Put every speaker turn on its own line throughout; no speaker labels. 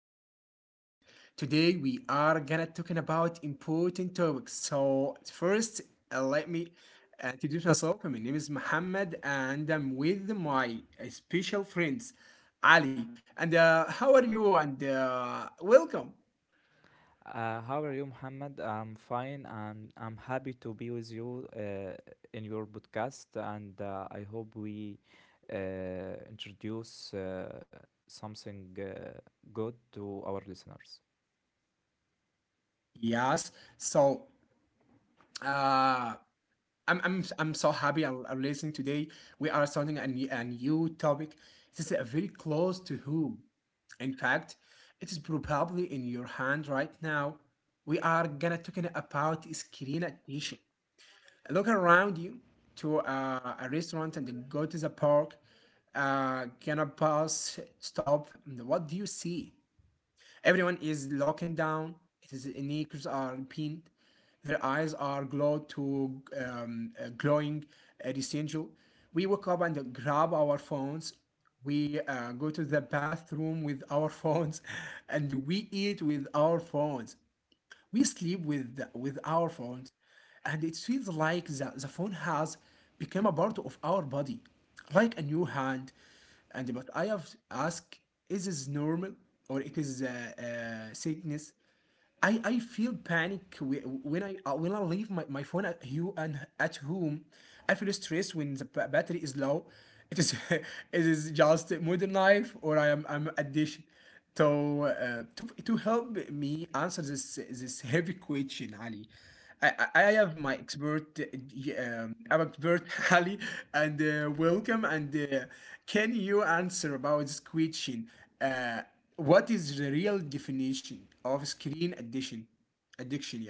to our episode. Today we are gonna talking about important topics. So first, let me introduce myself. My name is Mohammed and I'm with my special friends Ali. And how are you? And welcome.
How are you, Muhammad? I'm fine and I'm happy to be with you in your podcast. And I hope we uh, introduce something good to our listeners.
Yes. So uh, I'm so happy I'm listening today. We are starting a new topic. This is a very close to whom. In fact, it is probably in your hand right now. We are gonna talking about screen addiction. Look around you to a restaurant and go to the park. Gonna pass stop, and what do you see? Everyone is looking down. It is knees are pinned. Their eyes are glowed to glowing rectangle. We wake up and grab our phones. We go to the bathroom with our phones, and we eat with our phones. We sleep with with our phones, and it feels like the phone has become a part of our body, like a new hand. And but I have asked, is this normal or it is a sickness? I feel panic when I leave my phone at you and at home. I feel stressed when the battery is low. It is it is just modern life or I'm addition. So to help me answer this heavy question, Ali. I have our expert Ali, and welcome. And can you answer about this question? Uh, what is the real definition of screen addiction? Addiction, yeah,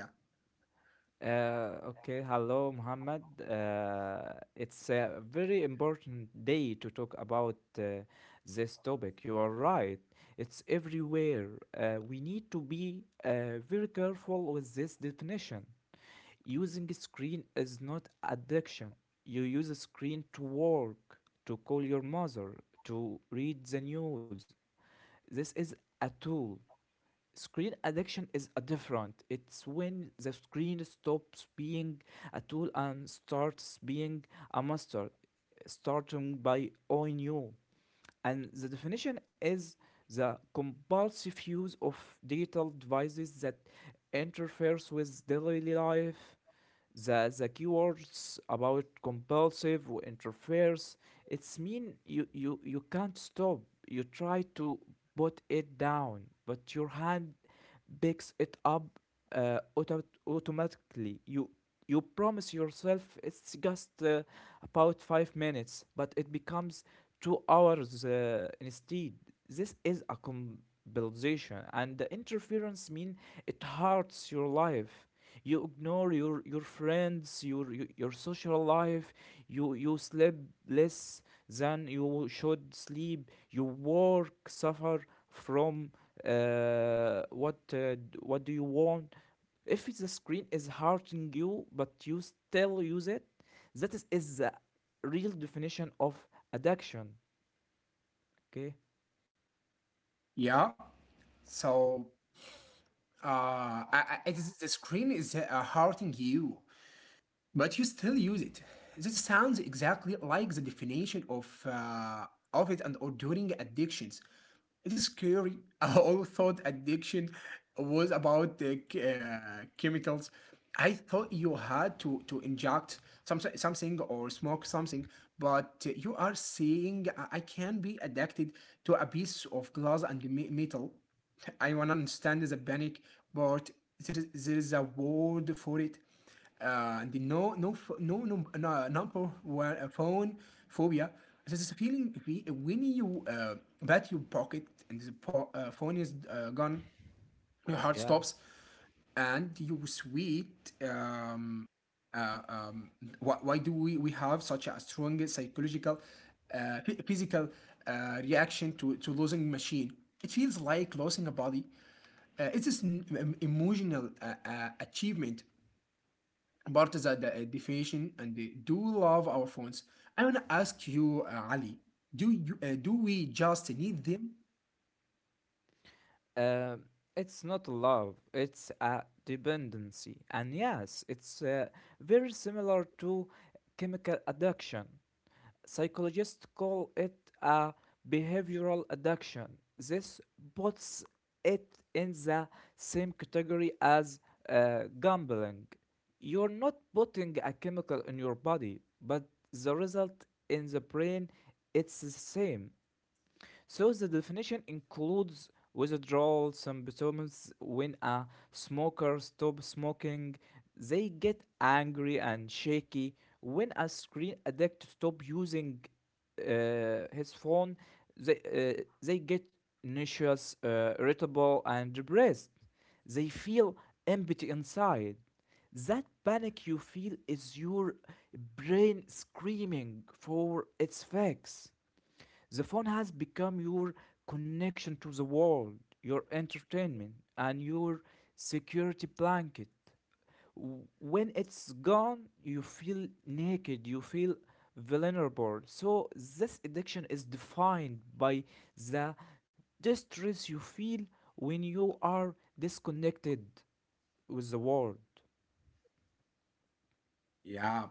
Okay, Hello, Muhammad. It's a very important day to talk about this topic. You are right, it's everywhere. We need to be very careful with this definition. Using screen is not addiction. You use a screen to work, to call your mother, to read the news. This is a tool. Screen addiction is a different. It's when the screen stops being a tool and starts being a master, starting by owning you. And the definition is the compulsive use of digital devices that interferes with daily life. The keywords about compulsive interferes, it's mean you can't stop. You try to put it down, but your hand picks it up automatically. You promise yourself it's just about 5 minutes, but it becomes 2 hours instead. This is a compulsion, and the interference mean it hurts your life. You ignore your friends, your social life. You sleep less than you should sleep. You work suffer from what what do you want. If the screen is hurting you but you still use it, that is the real definition of addiction. Okay.
yeah. So, uh, I, the screen is hurting you. But you still use it. This sounds exactly like the definition of of it and or during addictions. It is scary. I always thought addiction was about the chemicals. I thought you had to inject something or smoke something, but you are saying I can be addicted to a piece of glass and metal. I want to understand the panic, but there is a word for it and the no no ph- no no no number one phone phobia. This is a feeling when you bat your pocket and the phone is gone, your heart
Yeah.
stops, and you sweat. Uh, um, why do we have such a strong psychological, physical reaction to losing machine? It feels like losing a body. It's this emotional achievement part is that the definition and they do love our phones. I want to ask you, Ali, do we just need them?
Um, it's not love, it's a dependency. And yes, it's very similar to chemical addiction. Psychologists call it a behavioral addiction. This puts it in the same category as gambling. You're not putting a chemical in your body, but the result in the brain, it's the same. So the definition includes withdrawal symptoms. When a smoker stops smoking, they get angry and shaky. When a screen addict stops using his phone, they get nauseous, irritable, and depressed. They feel empty inside. That panic you feel is your brain screaming for its fix. The phone has become your connection to the world, your entertainment, and your security blanket. When it's gone, you feel naked, you feel vulnerable. So, this addiction is defined by the distress you feel when you are disconnected with the world.
Yeah,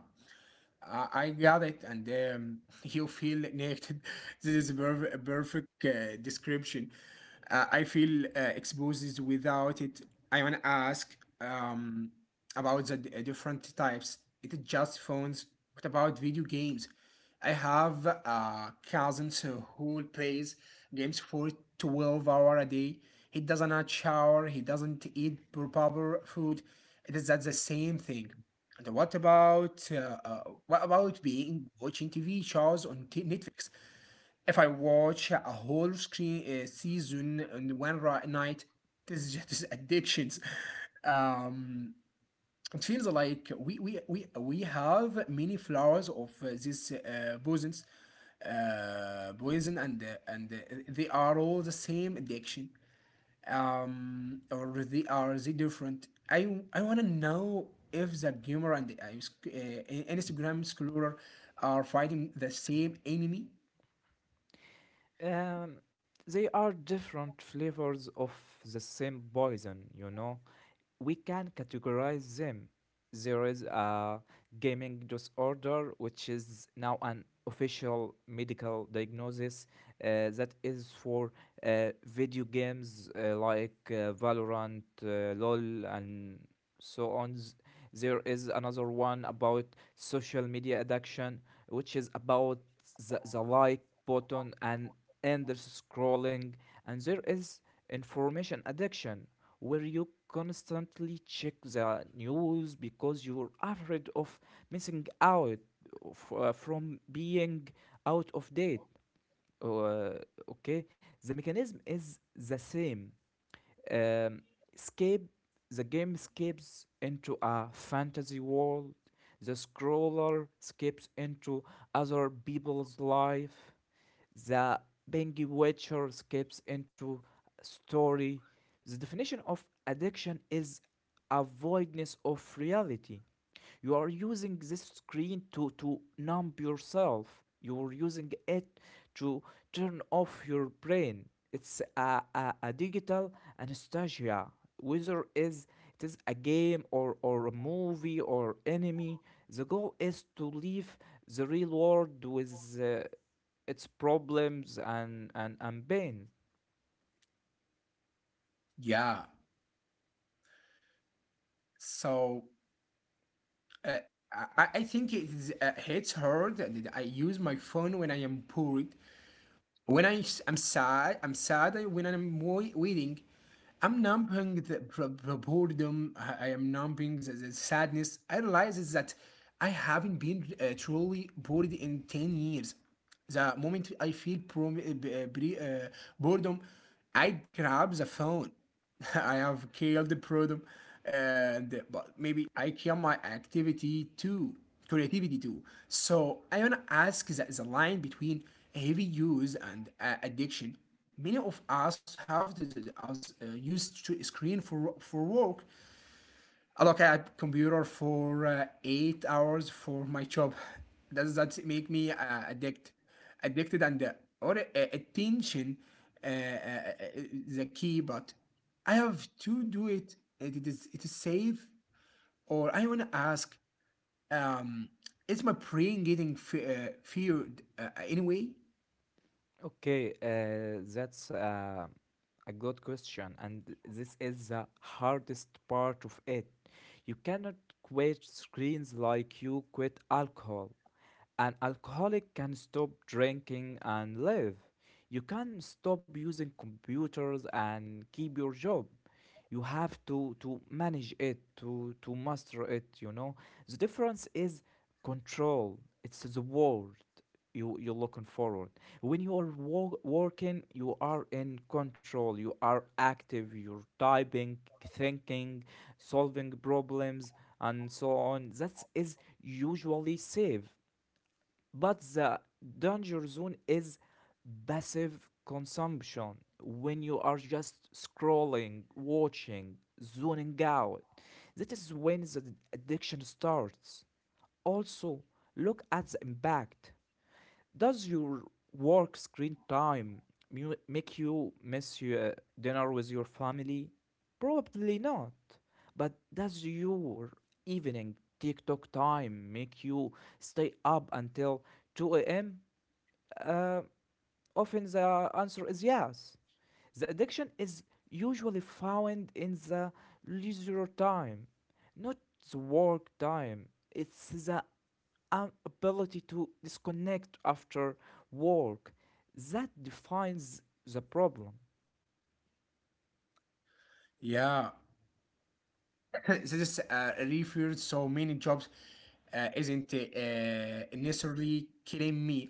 I got it, and you feel naked. This is a perfect description. I feel exposed without it. I want to ask about the different types. It is just phones. What about video games? I have cousins who plays games for 12 hour a day. He doesn't not shower. He doesn't eat proper food. It is that the same thing. And what about being watching TV shows on Netflix? If I watch a whole screen season in one night, this is just addictions. Um, it feels like we have many flowers of this poison and they are all the same addiction, or they are they different. I want to know if the gamer and the Instagram scroller are fighting the same enemy.
Um, they are different flavors of the same poison, you know. We can categorize them. There is a gaming disorder, which is now an official medical diagnosis that is for video games like Valorant, LOL, and so on. There is another one about social media addiction, which is about the like button and endless scrolling. And there is information addiction where you constantly check the news because you're afraid of missing out of, from being out of date. Uh, okay, the mechanism is the same. Um, escape. The game escapes into a fantasy world. The scroller escapes into other people's life. The Bengi Witcher skips into story. The definition of addiction is a voidness of reality. You are using this screen to numb yourself. You're using it to turn off your brain. It's a digital anesthesia. Whether is it is a game or a movie or enemy, the goal is to leave the real world with its problems and pain.
Yeah, so uh, I think hits hard that I use my phone when I am bored. When I'm sad, when I'm waiting, I'm numbing boredom. I am numbing the sadness. I realize is that I haven't been truly bored in 10 years. The moment I feel boredom, I grab the phone. I have killed the boredom, and but maybe I kill my creativity too. So I wanna ask the line between heavy use and addiction. Many of us have the- us used to screen for work, I look at computer for 8 hours for my job. Does that make me addicted and or attention uh, uh, uh, the key? But I have to do it, and it is safe. Or I want to ask, um, is my brain getting feared anyway?
Okay, that's a good question, and this is the hardest part of it. You cannot quit screens like you quit alcohol. An alcoholic can stop drinking and live. You can stop using computers and keep your job. You have to manage it, to master it, you know. The difference is control. It's the word you you're looking forward. When you are working, you are in control, you are active, you're typing, thinking, solving problems, and so on. That is usually safe, but the danger zone is passive consumption. When you are just scrolling, watching, zoning out, that is when the addiction starts. Also, look at the impact. Does your work screen time make you miss your dinner with your family? Probably not. But does your evening TikTok time make you stay up until 2 a.m.? Uh, Often the answer is yes. The addiction is usually found in the leisure time, not the work time. It's the an ability to disconnect after work that defines the problem.
Yeah, this referred so many jobs isn't necessarily killing me,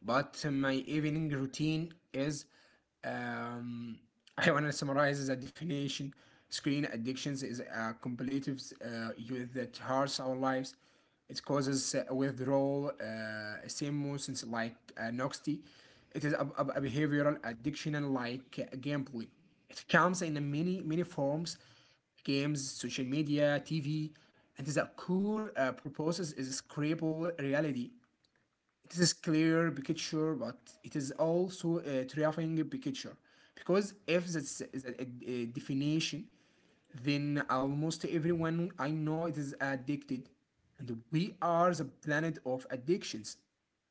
but my evening routine is. Um, I want to summarize the definition. Screen addictions is a compulsive youth that hurts our lives. It causes withdrawal, same emotions like noxty. It is a behavioral addiction and like gambling. It comes in many forms, games, social media, TV, and the core purposes is scrapable reality. It is clear picture, but it is also a terrifying picture because if that's a, a definition, then almost everyone I know it is addicted, and we are the planet of addictions.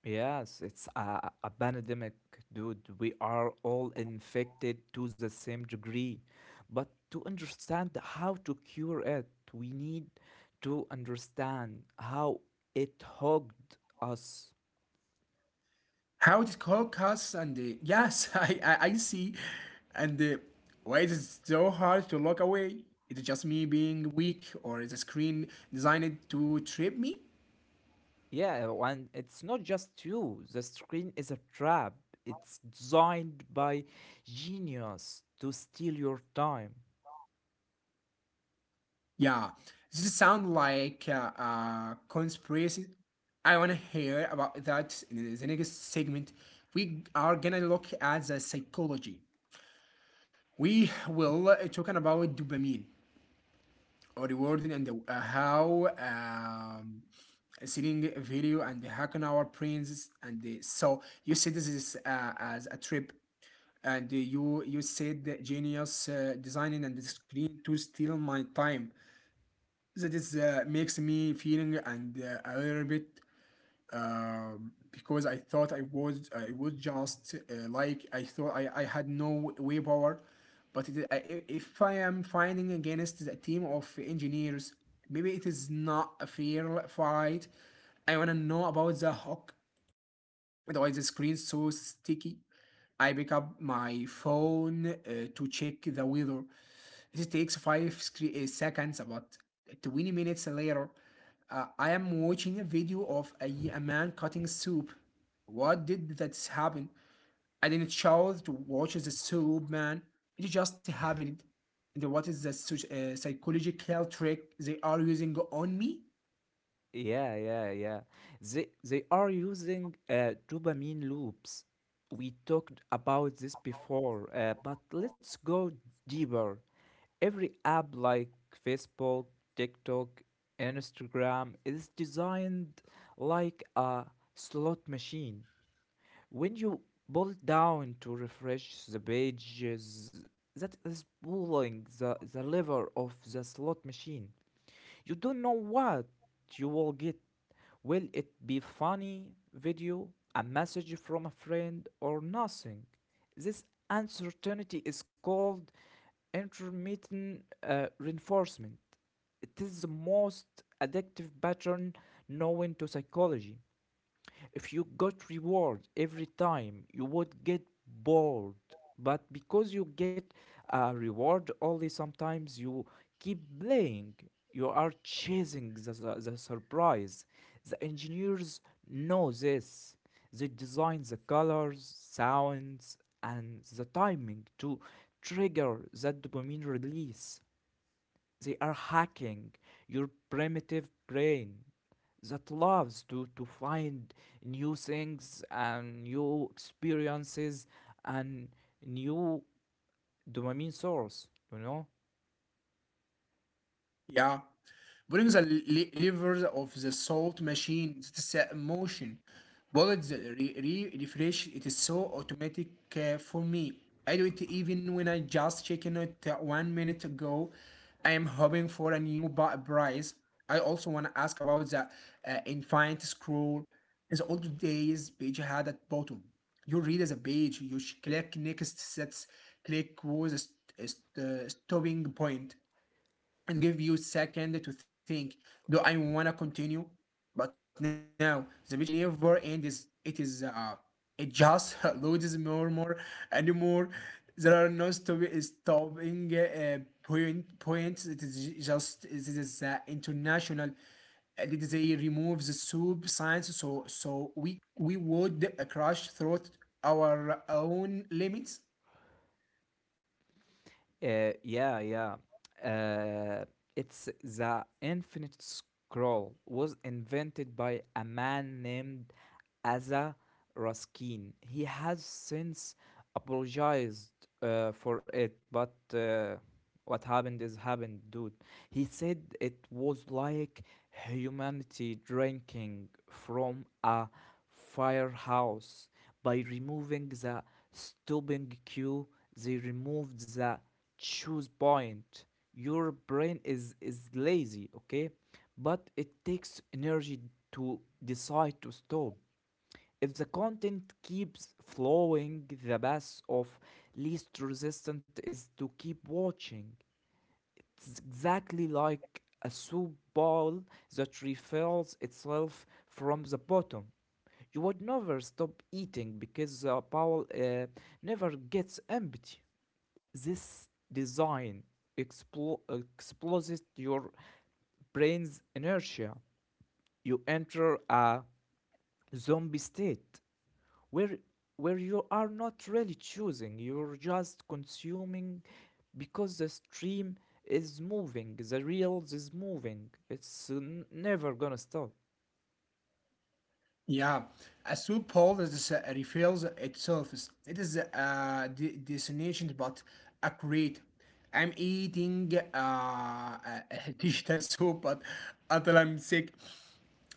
Yes, it's a pandemic, dude. We are all infected to the same degree. But to understand how to cure it, we need to understand how it hogged us.
How it is called cuss and yes, I see, and why it's so hard to look away? Is it just me being weak, or is the screen designed to trip me?
Yeah, and it's not just you. The screen is a trap. It's designed by genius to steal your time.
Yeah, this is sound like a conspiracy. I wanna hear about that in the next segment. We are gonna look at the psychology. We will talking about dopamine rewarding and how seeing a video and hacking our brains and so you said this is as a trip and you said that genius designing and the screen to steal my time that is makes me feeling and a little bit, because I thought I was just like I thought I had no way power. But if I am fighting against a team of engineers, maybe it is not a fair fight. I wanna know about the hook. Otherwise, the screen's so sticky. I pick up my phone to check the weather. It takes 5 seconds, about 20 minutes later, I am watching a video of a man cutting soup. What did that happen? I didn't choose to watch the soup, man. It just happened. And what is the psychological trick they are using on me?
Yeah, yeah, yeah. They are using dopamine loops. We talked about this before, but let's go deeper. Every app like Facebook, TikTok, Instagram is designed like a slot machine. When you pull it down to refresh the pages, that is pulling the lever of the slot machine. You don't know what you will get. Will it be funny video, a message from a friend, or nothing? This uncertainty is called intermittent reinforcement. It is the most addictive pattern known to psychology. If you got reward every time, you would get bored. But because you get a reward only sometimes, you keep playing. You are chasing the surprise. The engineers know this. They design the colors, sounds, and the timing to trigger that dopamine release. They are hacking your primitive brain that loves to find new things and new experiences and new dopamine source, you know?
Yeah. Putting the levers of the salt machine, it's a motion. Bullets refresh, it is so automatic for me. I do it even when I just checking it 1 minute ago. I am hoping for a new prize. I also want to ask about the infinite scroll. In the old days, page had at bottom. You read as a page, you click next sets, click was stopping point and give you a second to think. Do I want to continue? But now the mission never ends. It is, it just loads more and more. There are no stopping points, it is just, it is international. Did they remove the sub science so we would crash through our own limits?
Uh, yeah, yeah. Uh, it's the Infinite Scroll was invented by a man named Asa Raskin. He has since apologized for it, but what happened is happened, dude. He said it was like humanity drinking from a firehouse. By removing the stopping cue, they removed the choose point. Your brain is lazy, okay? But it takes energy to decide to stop. If the content keeps flowing, the path of least resistance is to keep watching. It's exactly like a soup bowl that refills itself from the bottom. You would never stop eating because the bowl never gets empty. This design explodes your brain's inertia. You enter a zombie state where you are not really choosing. You're just consuming because the stream is moving, the reels is moving. It's never gonna stop.
Yeah, a loophole that reveals itself. It is a destination, but accurate. I'm eating a digital soup, but until I'm sick,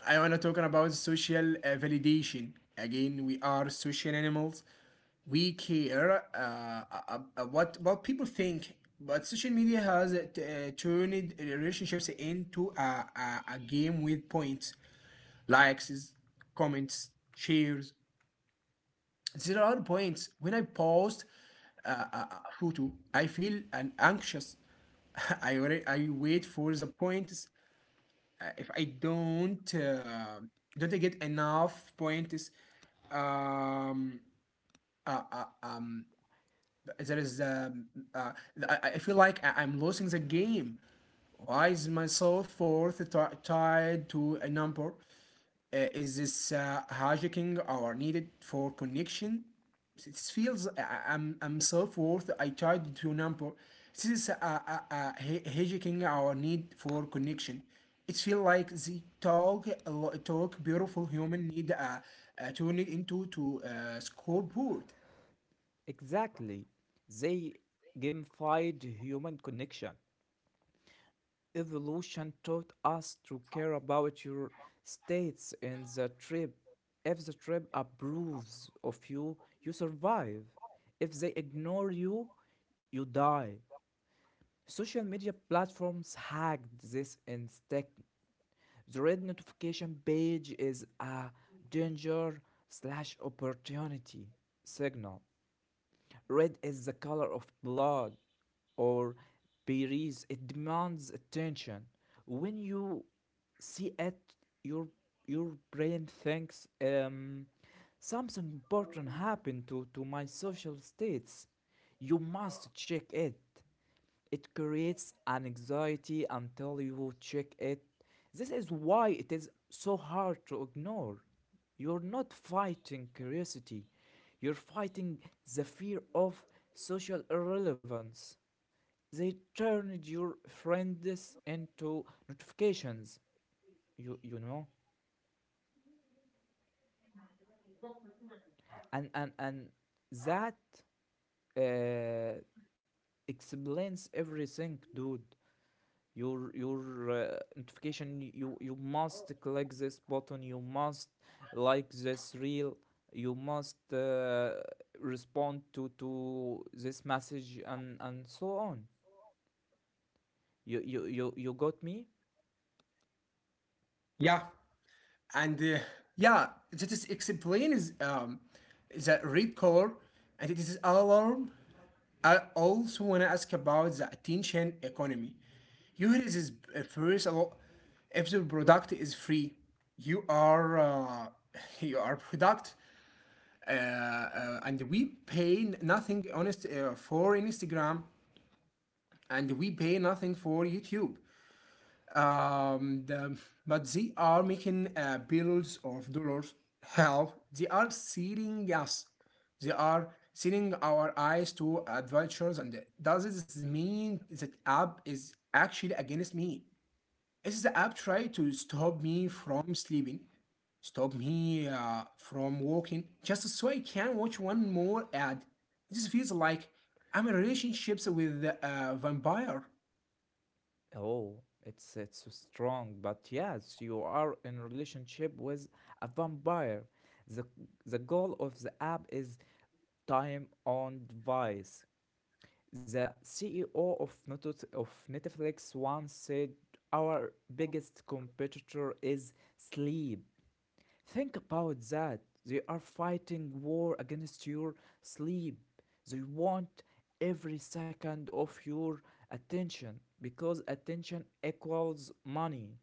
I wanna talk about social validation. Again, we are social animals. We care what people think, but social media has turned relationships into a game with points likes, comments, shares. There are points when I post a photo, I feel an anxious. I wait for the points. If I don't I get enough points, um, uh, uh, um, there is um, uh, I feel like I'm losing the game. Why is myself fourth tied to a number? Is this hijacking or needed for connection? It feels I'm self worth. I tried to number. This is a hijacking our need for connection. It feels like the talk beautiful human need turn it into to scoreboard.
Exactly. They gamified human connection. Evolution taught us to care about your states in the trip. If the trip approves of you, you survive. If they ignore you, you die. Social media platforms hacked this instinct. The red notification page is a danger slash opportunity signal. Red is the color of blood or berries. It demands attention. When you see it, your your brain thinks something important happened to my social states. You must check it. It creates an anxiety until you check it. This is why it is so hard to ignore. You're not fighting curiosity, you're fighting the fear of social irrelevance. They turned your friends into notifications, you know? And that uh, explains everything, dude. Your notification, you must click this button, you must like this reel, you must respond to this message, and so on. You got me.
Yeah, and yeah, that is explains the red color, and it is alarm. I also want to ask about the attention economy. Yours is first a lot. If the product is free, you are you are product, and we pay nothing honest for Instagram, and we pay nothing for YouTube um, the, but they are making billions of dollars. Hell, they are seeing us. They are seeing our eyes to adventures. And does this mean that app is actually against me? Is the app trying to stop me from sleeping? Stop me from walking just so I can watch one more ad. This feels like I'm in relationships with a vampire.
Oh, it's so strong, but yes, you are in relationship with a vampire. The the goal of the app is time on device. The CEO of Netflix once said, our biggest competitor is sleep. Think about that. They are fighting war against your sleep. They want every second of your attention because attention equals money.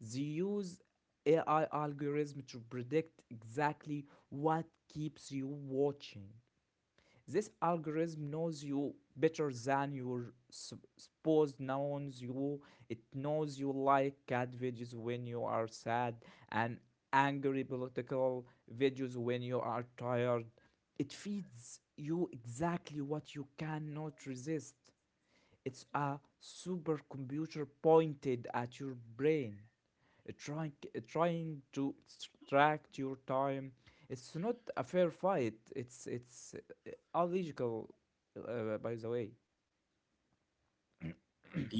They use AI algorithm to predict exactly what keeps you watching. This algorithm knows you better than your sup- knows you it knows you like cat videos when you are sad, and angry political videos when you are tired. It feeds you exactly what you cannot resist. It's a supercomputer pointed at your brain, trying to extract your time. It's not a fair fight. It's illogical, by the way.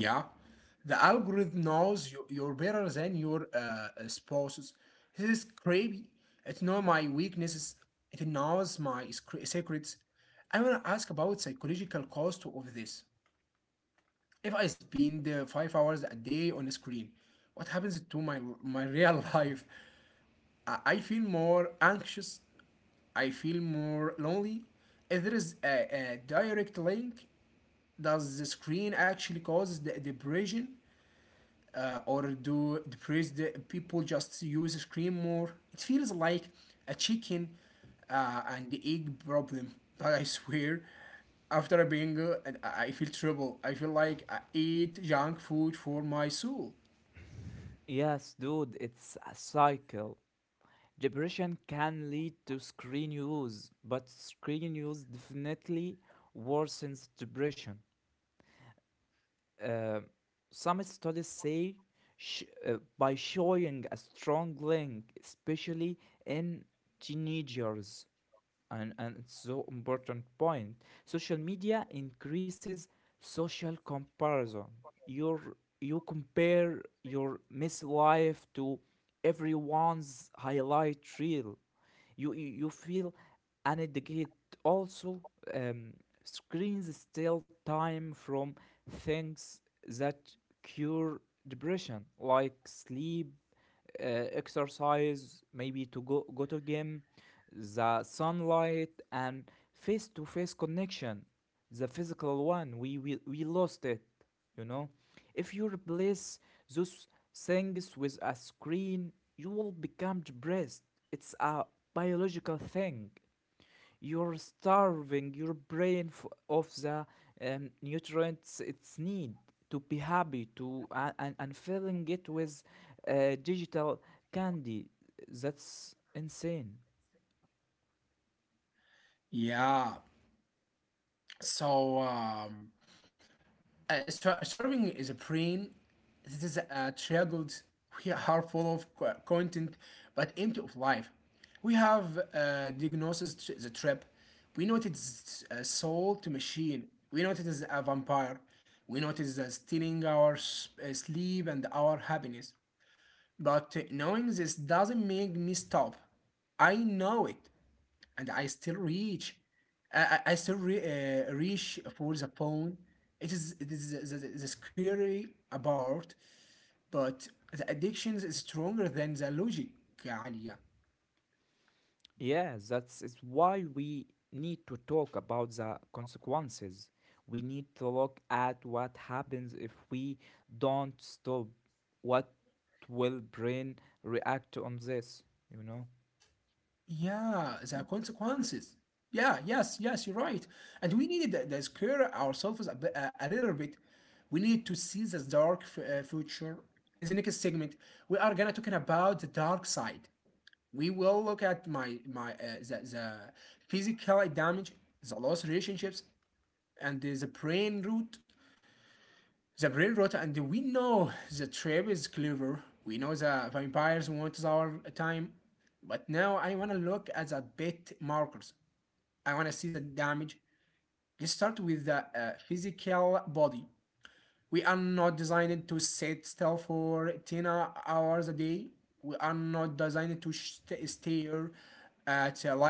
Yeah, the algorithm knows you, you're better than your spouses. This is creepy. It knows my weaknesses. It knows my secrets. I want to ask about psychological cost of this. If I spend 5 hours a day on a screen, what happens to my real life? I feel more anxious. I feel more lonely. If there is a direct link, does the screen actually cause the depression? Or do depressed people just use screen more? It feels like a chicken and egg problem, but I swear, after a bingo, and I feel trouble. I feel like I eat junk food for my soul.
Yes, dude, it's a cycle. Depression can lead to screen use, but screen use definitely worsens depression. Uh, some studies say by showing a strong link, especially in teenagers. And it's so important point, social media increases social comparison. Your you compare your miss life to everyone's highlight reel. You you, you feel inadequate. Also, um, screens steal time from things that cure depression, like sleep, uh, exercise, maybe to go to gym, the sunlight, and face to face connection, the physical one. We lost it, you know. If you replace those things with a screen, you will become depressed. It's a biological thing. You're starving your brain of the nutrients it's need to be happy to and filling it with digital candy. That's insane.
Yeah. So um, Starving is a brain. This is a struggled. We are full of content, but empty of life. We have diagnosed the trap. We noticed a soul to machine. We noticed a vampire. We noticed it is stealing our sleep and our happiness. But knowing this doesn't make me stop. I know it and I still reach. I still reach for the phone. It is the scary about, but the addiction is stronger than the logic, Alia.
Yeah, that's is why we need to talk about the consequences. We need to look at what happens if we don't stop. What will brain react on this? You know?
Yeah, the consequences. Yeah, yes, yes, you're right. And we need the scare ourselves a little bit. We need to see the dark future. In the next segment, we are gonna talking about the dark side. We will look at the physical damage, the lost relationships, and the brain root the brain rot. And we know the trap is clever. We know the vampires want our time. But now I want to look at the bit markers. I want to see the damage. Let's start with the physical body. We are not designed to sit still for 10 hours a day. We are not designed to stare at a light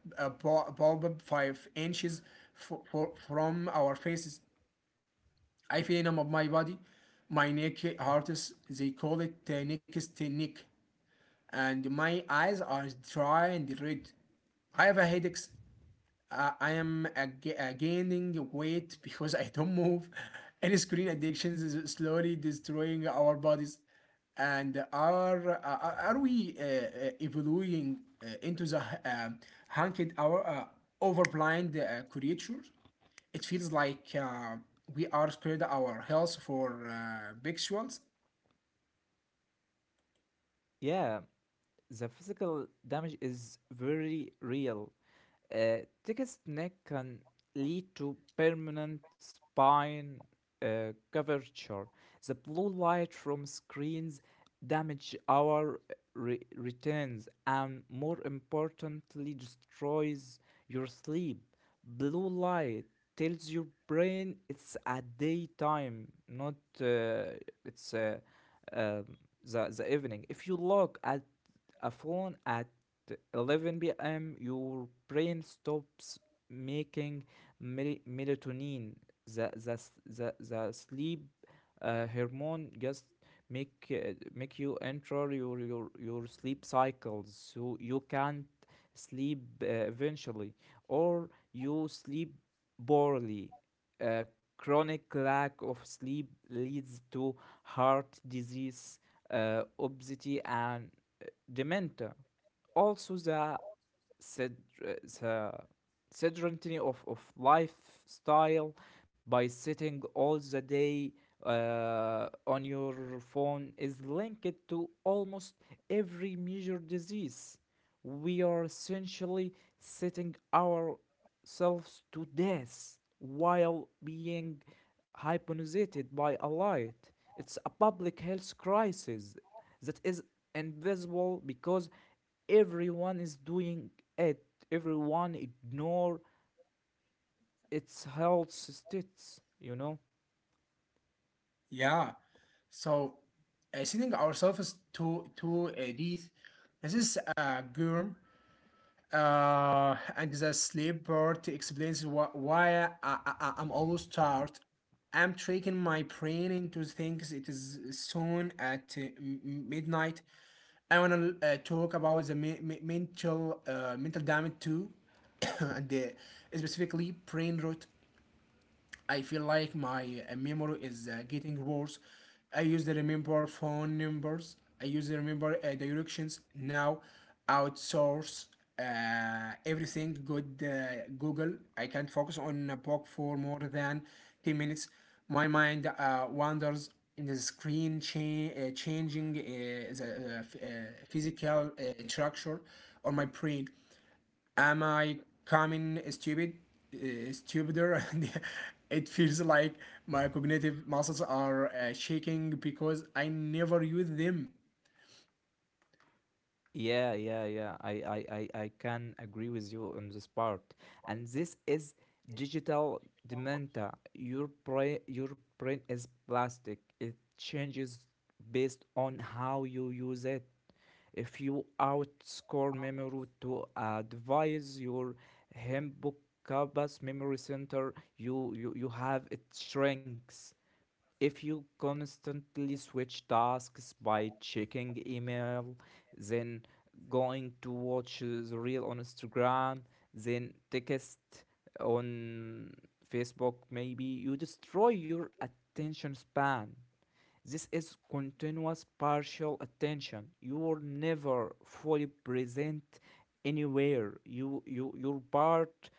like a bulb 5 inches from our faces. I feel numb of my body. My neck hurts. They call it neck's neck. And my eyes are dry and red. I have a headache. I am gaining weight because I don't move, and screen addictions is slowly destroying our bodies. And are we evolving into the um hunted our overblind creatures? It feels like we are scared our health for visuals.
Yeah, the physical damage is very real. Uh, Tickets neck can lead to permanent spine curvature. The blue light from screens damage our returns and, more importantly, destroys your sleep. Blue light tells your brain it's a daytime, not uh, it's uh, um, the evening. If you look at a phone at 11 p.m., your brain stops making melatonin, the sleep hormone just make you enter your sleep cycles, so you can't sleep eventually, or you sleep poorly. uh, Chronic lack of sleep leads to heart disease, obesity, and uh, dementia. Also, sed- the sedentary of lifestyle by sitting all the day on your phone is linked to almost every major disease. We are essentially setting ourselves to death while being hypnotized by a light. It's a public health crisis that is invisible because everyone is doing it. Everyone ignore its health states.
Yeah. So sending ourselves to a death. This is a germ. And the sleep part explains why I'm always tired. I'm tricking my brain into things. It is soon at midnight. I wanna talk about the mental damage too, and specifically brain rot. I feel like my memory is getting worse. I used to remember phone numbers. I used to remember directions. Now, outsource everything. Good Google. I can't focus on a book for more than 10 minutes. My mind wanders. In the screen changing the physical structure on my brain. Am I coming stupid? Stupider? It feels like my cognitive muscles are shaking because I never use them.
Yeah, yeah, yeah. I can agree with you on this part. And this is digital dementia. Your brain is plastic. It changes based on how you use it. If you outscore memory to a device, your hippocampus memory center, you have it shrinks. If you constantly switch tasks by checking email, then going to watch the reel on Instagram, then text on Facebook, maybe you destroy your attention span. This is continuous partial attention. You are never fully present anywhere. You your part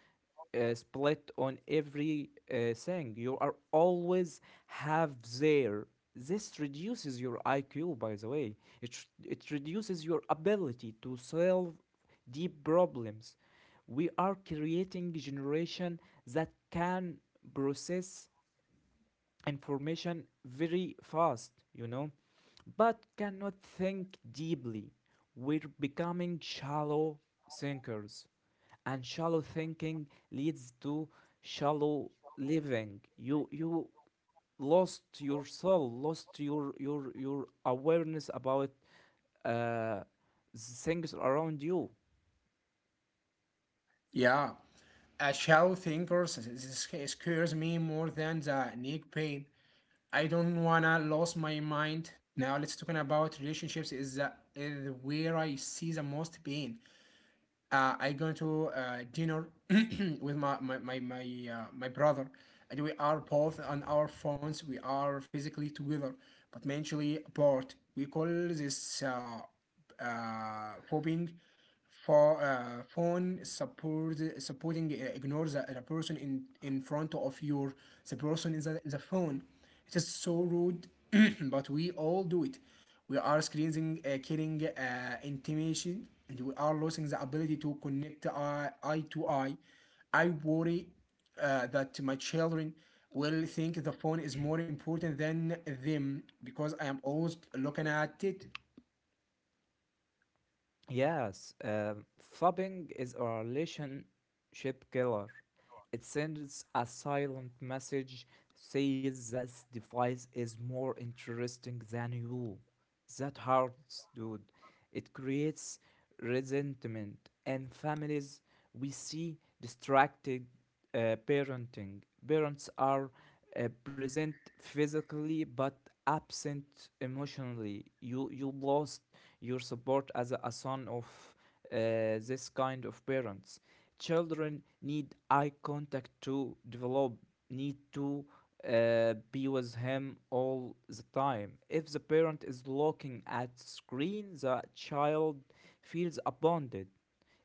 split on every thing. You are always half there. This reduces your IQ, by the way. It reduces your ability to solve deep problems. We are creating a generation that can process information very fast, you know, but cannot think deeply. We're becoming shallow thinkers, and shallow thinking leads to shallow living. You lost your soul, lost your awareness about uh, things around you.
Yeah, a shallow thinker scares me more than the neck pain. I don't wanna lose my mind. Now let's talk about relationships. Is where I see the most pain. I going to dinner with my brother, and we are both on our phones. We are physically together, but mentally apart. We call this phobing for phone supporting ignores the person in front of your the person in the phone. It is so rude, but we all do it. We are screening, killing intimation, and we are losing the ability to connect eye to eye. I worry that my children will think the phone is more important than them because I am always looking at it.
Yes, flopping is a relationship killer. It sends a silent message, says this device is more interesting than you. That hurts, dude. It creates resentment, and families we see distracted parenting. Parents are present physically but absent emotionally. You lost your support as a son of this kind of parents. Children need eye contact to develop. Need to be with him all the time. If the parent is looking at screen, the child feels abandoned.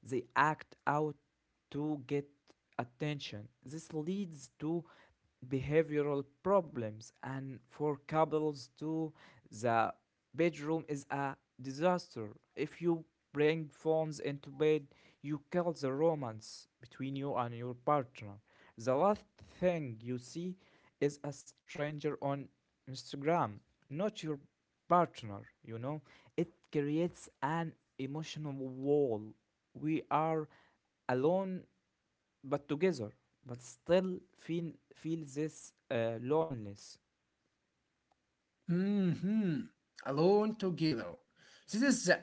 They act out to get attention. This leads to behavioral problems, and for couples, too, the bedroom is a disaster. If you bring phones into bed, you kill the romance between you and your partner. The last thing you see is a stranger on Instagram, not your partner, you know. It creates an emotional wall. We are alone but together but still feel feel this loneliness.
Hmm. Alone together. This is a,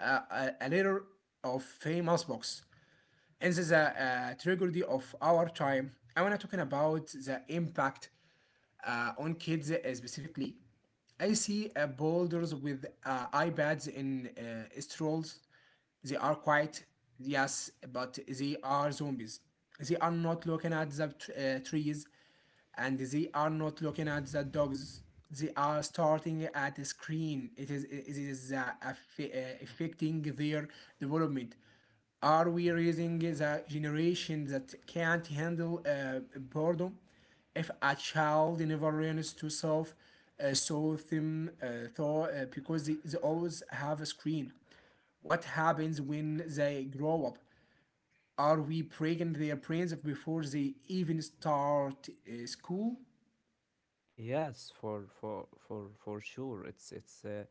a, a letter of famous box. And this is a tragedy of our time. I want to talk about the impact on kids specifically. I see boulders with iPads in strolls. They are quiet, yes, but they are zombies. They are not looking at the trees and they are not looking at the dogs. They are starting at the screen. It is affecting their development. Are we raising the generation that can't handle boredom? If a child never learns to solve so them thought because they always have a screen. What happens when they grow up? Are we breaking their brains before they even start school?
Yes, for for sure. It's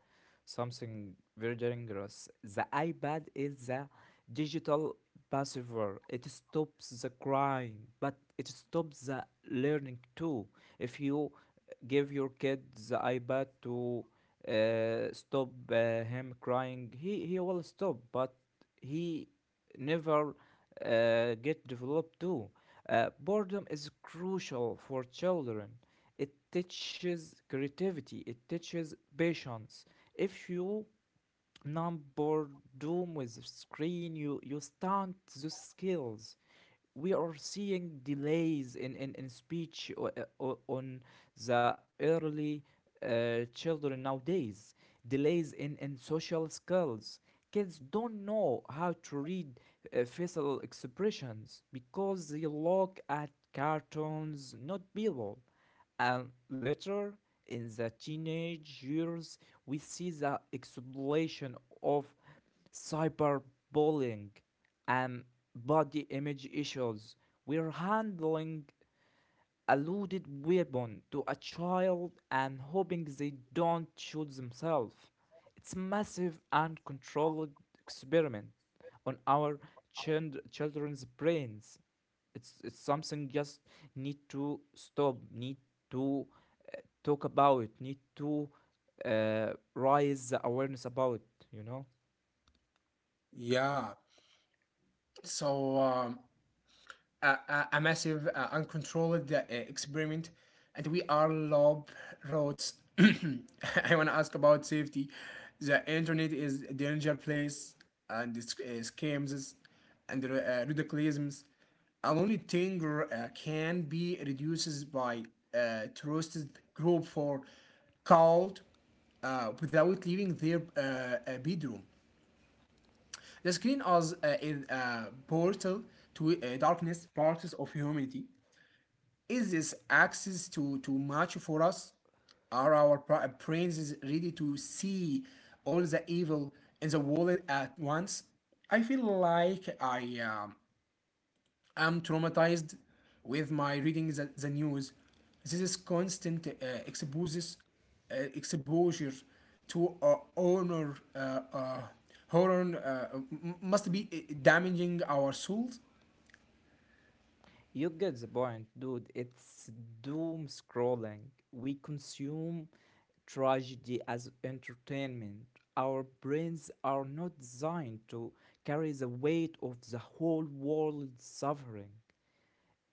something very dangerous. The iPad is a digital pacifier. It stops the crying, but it stops the learning too. If you give your kid the iPad to stop him crying, he will stop, but he never get developed too. Boredom is crucial for children. It teaches creativity, it teaches patience. If you not boredom with the screen, you stunt the skills. We are seeing delays in speech o- o- on the early children nowadays, delays in social skills. Kids don't know how to read facial expressions because they look at cartoons, not people. And later in the teenage years, we see the explosion of cyberbullying and body image issues. We're handling a loaded weapon to a child and hoping they don't shoot themselves. It's a massive and controlled experiment on our children's brains. It's something just need to stop, need to talk about, need to raise the awareness about, you know.
Yeah. So a massive, uncontrolled experiment, and we are robots. I want to ask about safety. The internet is a danger place, and it's, scams and radicalisms. An only thing can be reduced by trusted group for called without leaving their bedroom. The screen as is a portal to darkness, parts of humanity. Is this access to too much for us? Are our brains ready to see all the evil in the world at once? I feel like I am traumatized with my reading the news. This is constant exposes exposure to honor uh, horror must be damaging our souls.
You get the point, dude. It's doom scrolling. We consume tragedy as entertainment. Our brains are not designed to carry the weight of the whole world's suffering.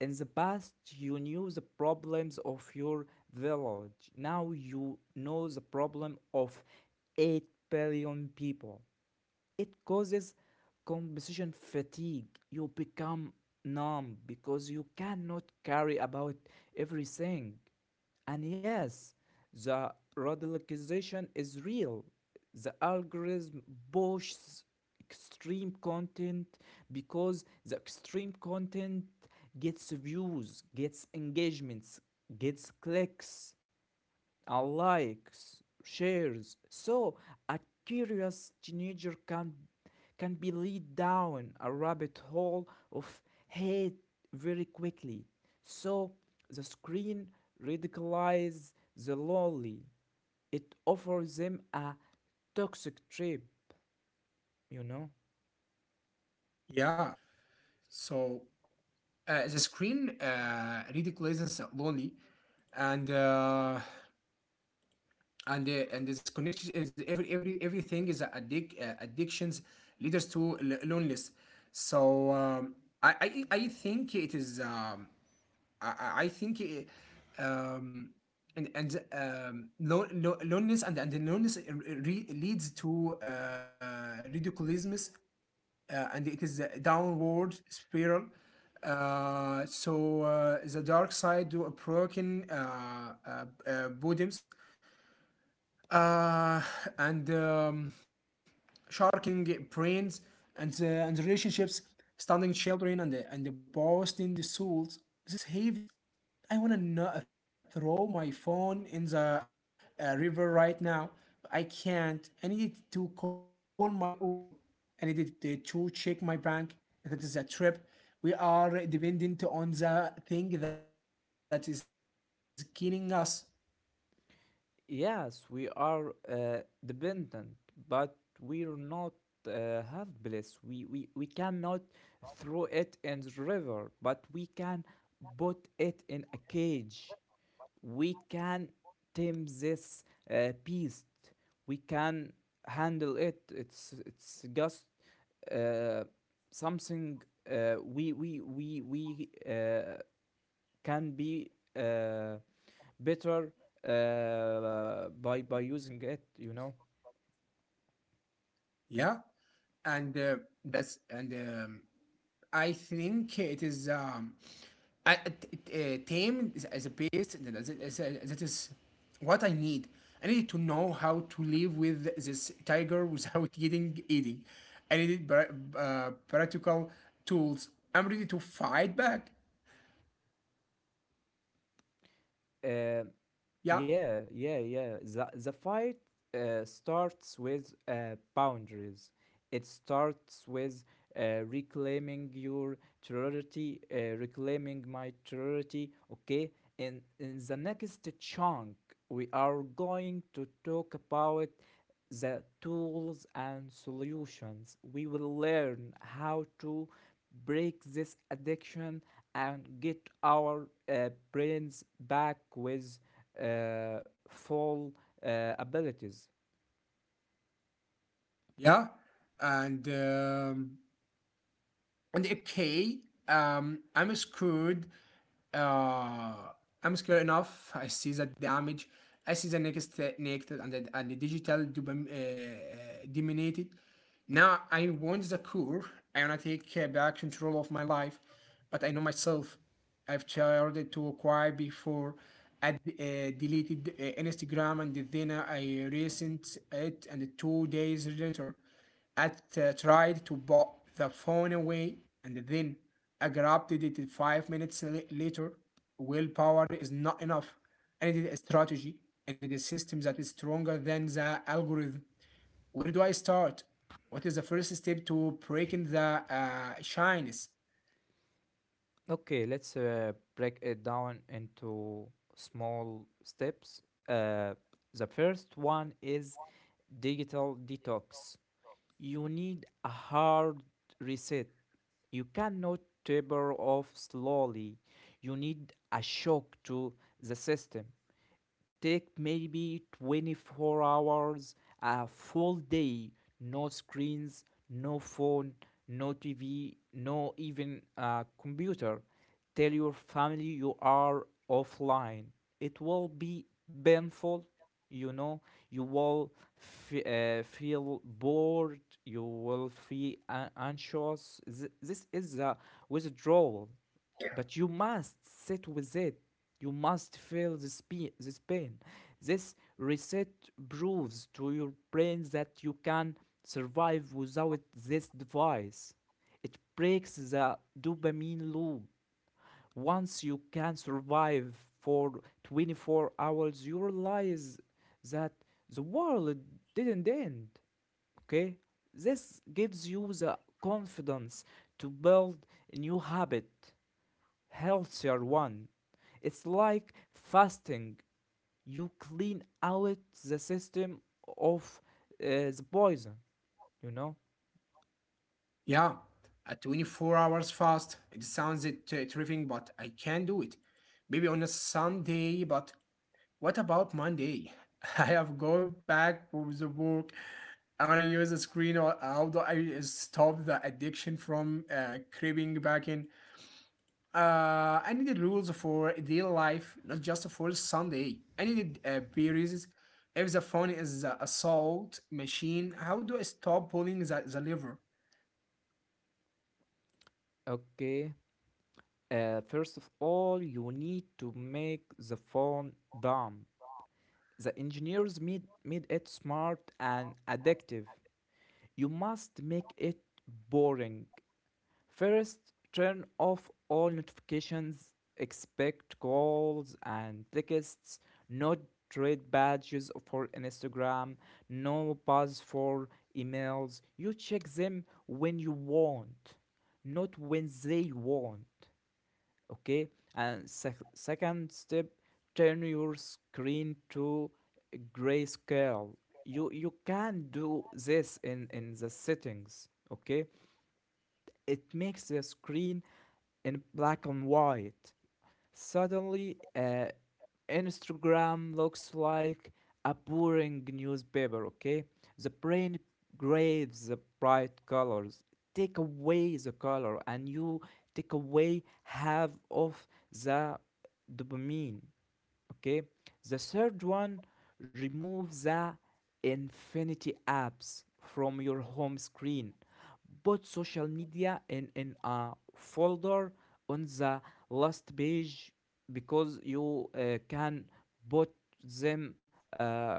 In the past, you knew the problems of your village. Now you know the problem of 8 billion people. It causes composition fatigue. You become numb because you cannot carry about everything. And yes, the radicalization is real. The algorithm pushes extreme content because the extreme content gets views, gets engagements, gets clicks, likes, shares. So a curious teenager can be lead down a rabbit hole of hate very quickly. So the screen ridiculizes the lonely. It offers them a toxic trip, you know.
Yeah. So the screen ridiculousness lonely, and and this connection is everything is addictions leaders to loneliness. So I think it is. I I think it, um, and loneliness and the loneliness leads to ridiculousness and it is a downward spiral. So the dark side do a broken bottoms uh, and sharking brains and and the relationships, stunning children and and the boasting the souls. This is heavy list. I wanna not throw my phone in the river right now. I can't. I needed to call my Uber. I needed to check my bank. That is a trip. We are dependent on the thing that is killing us.
Yes, we are dependent, but we're not helpless. We cannot throw it in the river, but we can put it in a cage. We can tame this beast. We can handle it. It's just uh, something we can be Uh, better by using it, you know
Yeah, and that's and I think it is I, uh, tame is a base that is what I need. I needed to know how to live with this tiger without getting eating. I needed practical tools. I'm ready to fight back.
uh,
Yeah,
yeah, yeah, yeah, the fight starts with boundaries. It starts with reclaiming your territory, reclaiming my territory. Okay, and in the next chunk we are going to talk about the tools and solutions. We will learn how to break this addiction and get our brains back with full abilities.
yeah, and um, and okay. I'm scared. uh I'm scared enough. I see the damage. I see the next negative and the digital dominated. Now I want the cure. I want to take back control of my life, but I know myself. I've tried to acquire before. I deleted Instagram, and then I recent it, and 2 days later at tried to put the phone away, and then I grabbed it 5 minutes later. Willpower is not enough. I need a strategy. I need a system that is stronger than the algorithm. Where do I start? What is the first step to breaking the shyness?
Okay, let's break it down into small steps. The first one is digital detox. You need a hard reset. You cannot taper off slowly. You need a shock to the system. Take maybe 24 hours, a full day, no screens, no phone, no TV, no even computer. Tell your family you are offline. It will be painful, you know. You will feel bored, you will feel anxious. This is a withdrawal, but you must sit with it. You must feel this pain. This reset proves to your brain that you can survive without this device. It breaks the dopamine loop. Once you can survive for 24 hours, you realize that the world didn't end. Okay? This gives you the confidence to build a new habit, healthier one. It's like fasting. You clean out the system of uh, the poison, you know?
Yeah, a 24 hours fast. It sounds terrifying, but I can do it. Maybe on a Sunday, but what about Monday? I have gone back from the book. I want to use a screen or how do I stop the addiction from creeping back in? I needed rules for daily life, not just for Sunday. I needed periods. If the phone is a assault machine, how do I stop pulling the lever?
Okay. First of all, you need to make the phone dumb. The engineers made it smart and addictive. You must make it boring. First, turn off all notifications, expect calls and texts, no red badges for Instagram, no buzz for emails. You check them when you want, not when they want. Okay? And second step, turn your screen to grayscale. You can do this in the settings, okay? It makes the screen in black and white. Suddenly, Instagram looks like a boring newspaper, okay? The brain craves the bright colors. Take away the color and you take away half of the dopamine. Okay, the third one, remove the infinity apps from your home screen. Put social media in a folder on the last page, because you can put them uh,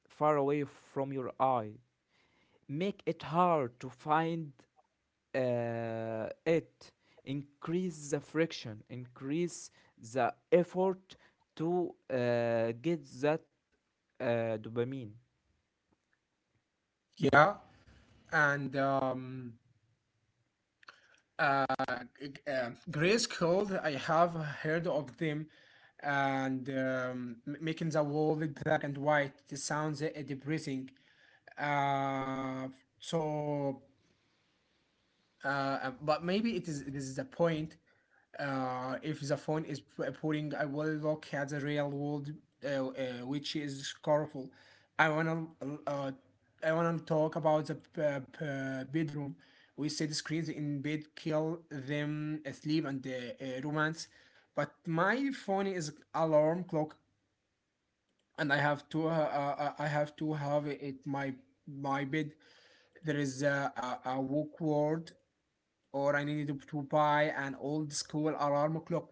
far away from your eye. Make it hard to find it. Increase the friction, increase the effort to get that uh, dopamine.
Yeah, and uh, Grace Cold, I have heard of them, and making the world black and white it sounds depressing. Uh, so, but maybe it is this is the point if the phone is putting I will look at the real world, which is colorful. I wanna uh, I wanna talk about the bedroom. We see screens in bed kill them sleep and romance, but my phone is alarm clock, and I have to have it my my bed. There is a walk word or I needed to, buy an old school alarm clock.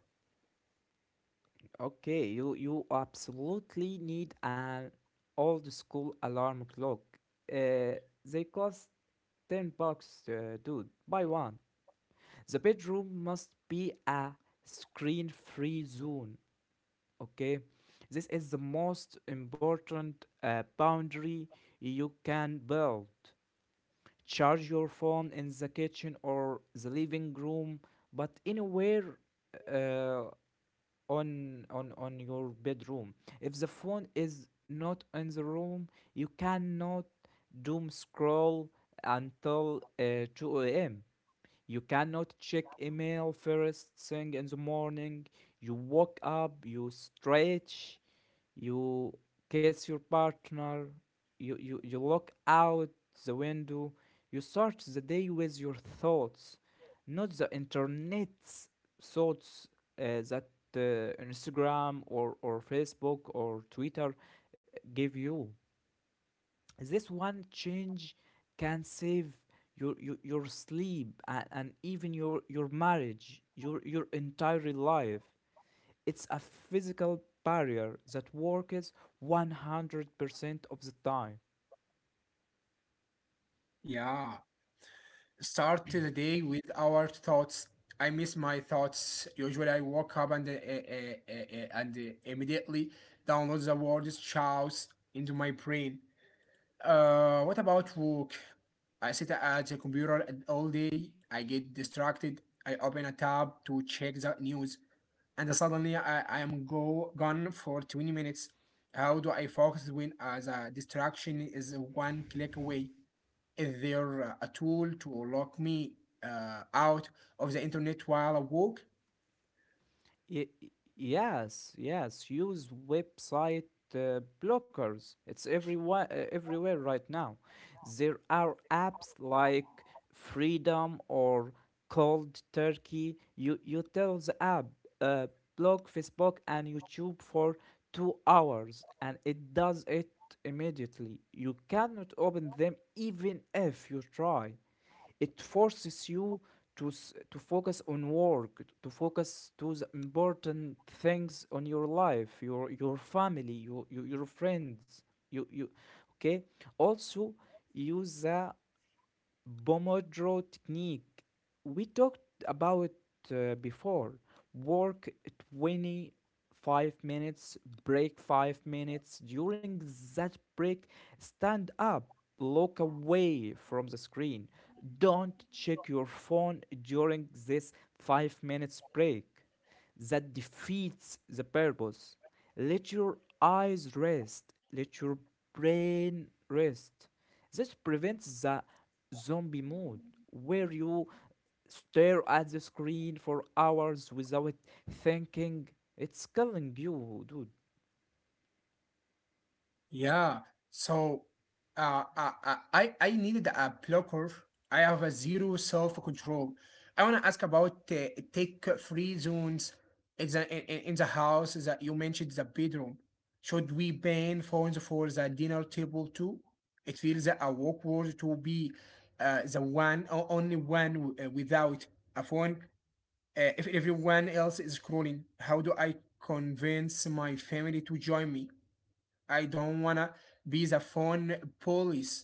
Okay, you absolutely need an old school alarm clock. uh, they cost 10 bucks, dude, buy one. The bedroom must be a screen free zone, okay? This is the most important boundary you can build. Charge your phone in the kitchen or the living room, but anywhere uh, on your bedroom. If the phone is not in the room, you cannot doom scroll until 2 a.m. You cannot check email first thing in the morning. You wake up, you stretch, you kiss your partner, you look out the window, you start the day with your thoughts, not the internet's thoughts that Instagram or Facebook or Twitter give you. This one change can save your sleep and even your marriage, your entire life. It's a physical barrier that works 100% of the time.
Yeah, start the day with our thoughts. I miss my thoughts. Usually, I wake up and immediately download the word "chouse" into my brain. What about work? I sit at the computer all day. I get distracted. I open a tab to check the news, and suddenly I am go gone for 20 minutes. How do I focus when the distraction is one click away? Is there a tool to lock me out of the internet while I work?
Y- yes, yes. Use website blockers. It's everywhere, everywhere right now. There are apps like Freedom or Cold Turkey. You tell the app, uh, block Facebook and YouTube for 2 hours, and it does it immediately. You cannot open them even if you try. It forces you to to focus on work, to focus to the important things on your life, your family, your friends. You okay. Also, use the Pomodoro technique. We talked about before. Work 25 minutes, break 5 minutes. During that break, stand up, look away from the screen. Don't check your phone during this 5 minutes break. That defeats the purpose. Let your eyes rest, let your brain rest. This prevents the zombie mode where you stare at the screen for hours without thinking. It's killing you, dude.
Yeah. So I I needed a blocker. I have a zero self-control. I want to ask about take free zones in the house that you mentioned the bedroom. Should we ban phones for the dinner table too? It feels a awkward to be the one or only one without a phone. If everyone else is scrolling, how do I convince my family to join me? I don't wanna be the phone police.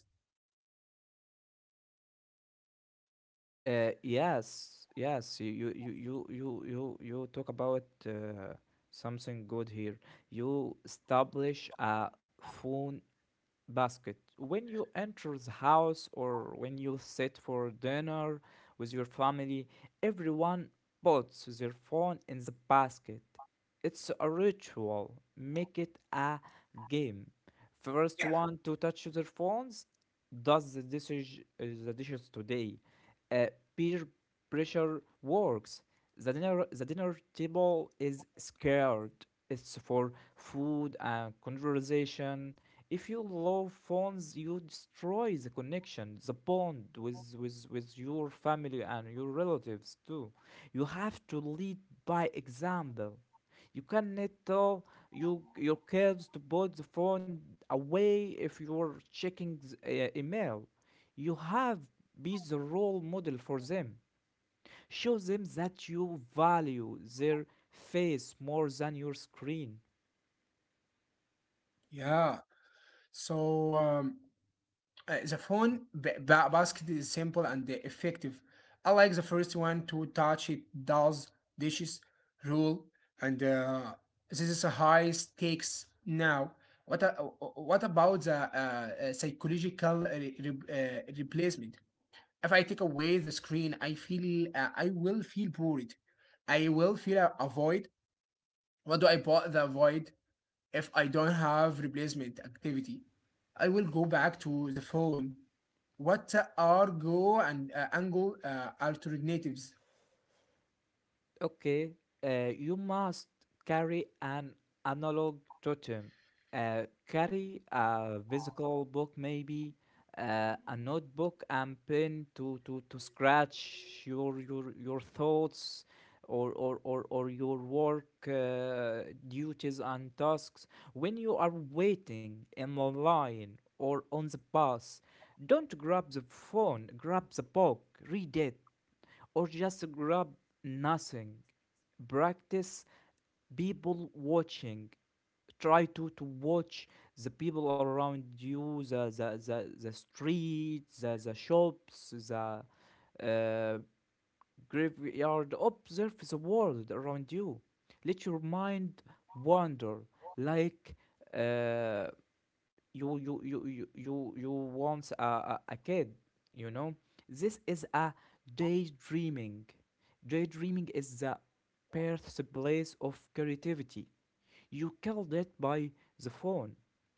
Yes, yes. You talk about something good here. You establish a phone basket. When you enter the house or when you sit for dinner with your family, everyone puts their phone in the basket. It's a ritual. Make it a game.
Yeah.
First one to touch their phones does the dishes today. Uh, Peer pressure works. The dinner table is scared. It's for food and conversation. If you love phones, you destroy the connection, the bond with your family and your relatives too. You have to lead by example. You cannot tell your kids to put the phone away if you're checking the email. You have be the role model for them. Show them that you value their face more than your screen.
Yeah. So the phone basket is simple and effective. I like the first one to touch it does dishes rule, and this is a high stakes now. What about the psychological replacement? If I take away the screen, I feel I will feel bored. I will feel a void. What do I bought the void? If I don't have replacement activity, I will go back to the phone. What are go and angle alternatives?
Okay, you must carry an analog totem. Uh, Carry a physical book, maybe a notebook and pen to scratch your thoughts or your work duties and tasks. When you are waiting in the line or on the bus, don't grab the phone. Grab the book. Read it, or just grab nothing. Practice people watching. Try to watch the people around you, the street, the shops, the uh, graveyard. Observe the world around you. Let your mind wander like uh, you want a kid. You know, this is a daydreaming daydreaming is the birthplace of creativity. You killed it by the phone.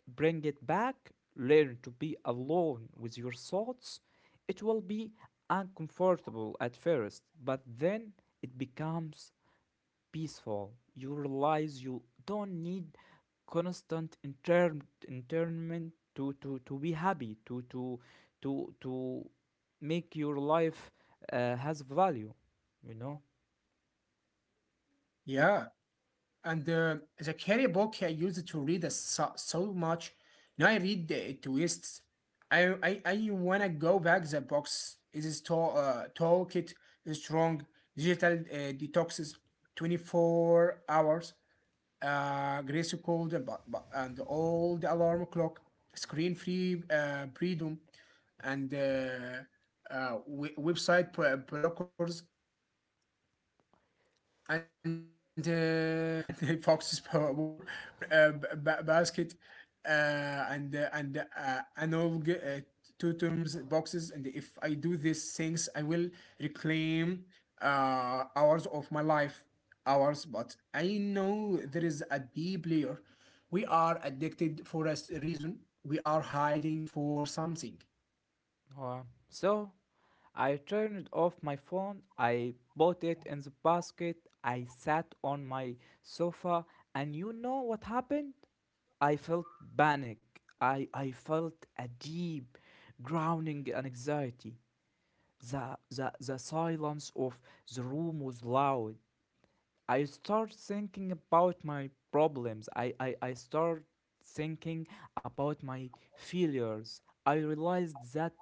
Bring it back. Learn to be alone with your thoughts. It will be uncomfortable at first, but then it becomes peaceful. You realize you don't need constant internment to be happy, to make your life has value, you know?
Yeah, and the carry book I used to read so, so much. Now I read the twists. I wanna go back the box. It is to talk it strong digital detoxes, 24 hours. Gracie called and, and all the alarm clock, screen free freedom, and we- website blockers, and and foxes were born basket uh, and and all two boxes and if I do these things I will reclaim hours of my life hours, but I know there is a deep layer. We are addicted for a reason. We are hiding for something.
Uh, so I turned off my phone, I bought it in the basket, I sat on my sofa, and you know what happened? I felt panic. I felt a deep grounding and anxiety. The silence of the room was loud. I start thinking about my problems. I start thinking about my failures. I realized that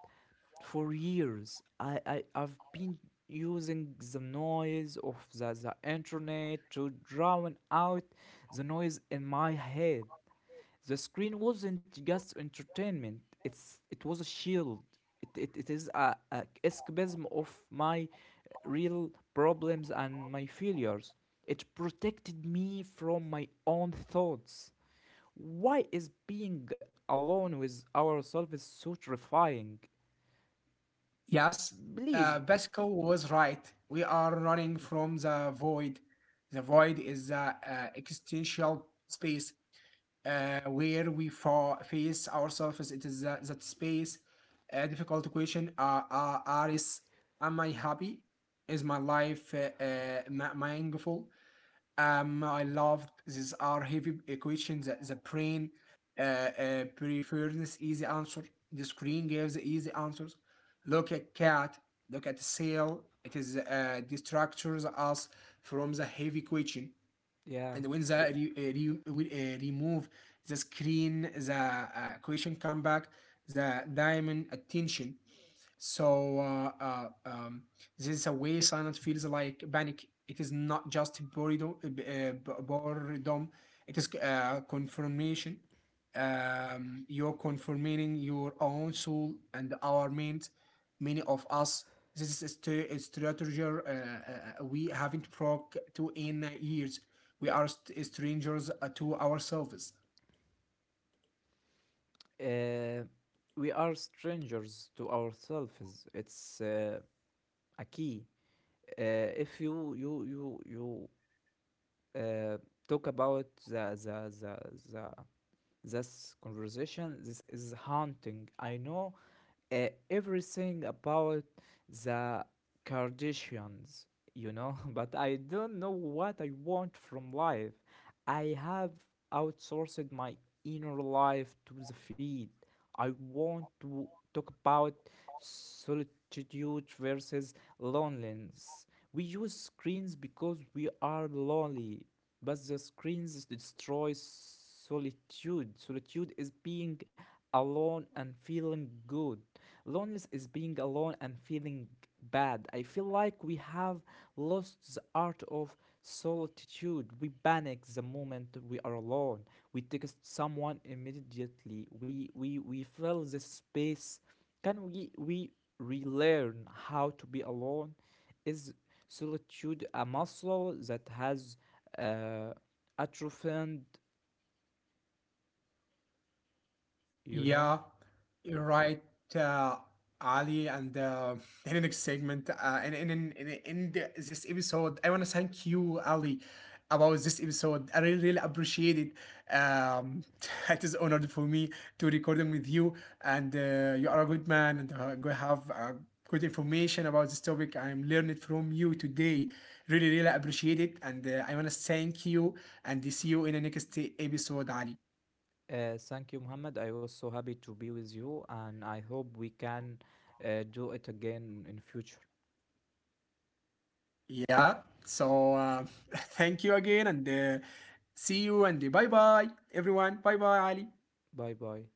for years I've been using the noise of the internet to drown out the noise in my head. The screen wasn't just entertainment. It was a shield. It is a escapism of my real problems and my failures. It protected me from my own thoughts. Why is being alone with ourselves so terrifying?
Yes,
Please,
Pascal was right. We are running from the void. The void is the existential space where we face ourselves. It is that, that space. A difficult question are is, am I happy? Is my life mindful? I loved these are heavy equations. The brain prefers easy answer. The screen gives easy answers. Look at cat. Look at sail. It is distracts us from the heavy question.
yeah.
And when the re, re, we, remove the screen, the question come back, the diamond attention. So this is a way silence feels like panic. It is not just boredom, boredom. It is confirmation. You're confirming your own soul and our mind. Many of us, this is a strategy we haven't broke to in years. We are strangers to ourselves.
Uh, we are strangers to ourselves. It's a key. If you uh, talk about the this conversation. This is haunting. I know everything about the Kardashians, you know, but I don't know what I want from life. I have outsourced my inner life to the feed. I want to talk about solitude versus loneliness. We use screens because we are lonely, but the screens destroy solitude. Solitude is being alone and feeling good. Loneliness is being alone and feeling bad. I feel like we have lost the art of solitude. We panic the moment we are alone. We text someone immediately. We fill the space. Can we relearn how to be alone? Is solitude a muscle that has uh, atrophied, you know?
Yeah, you're right, uh, Ali, and in the next segment, and in the, this episode, I want to thank you, Ali, about this episode. I really really appreciate it. It is honored for me to recording with you, and you are a good man, and go have good information about this topic. I am learning from you today. Really really appreciate it, and I want to thank you, and see you in the next episode, Ali.
Thank you, Muhammad. I was so happy to be with you, and I hope we can do it again in future.
Yeah. So thank you again and see you and bye bye, everyone. Bye bye, Ali.
Bye bye.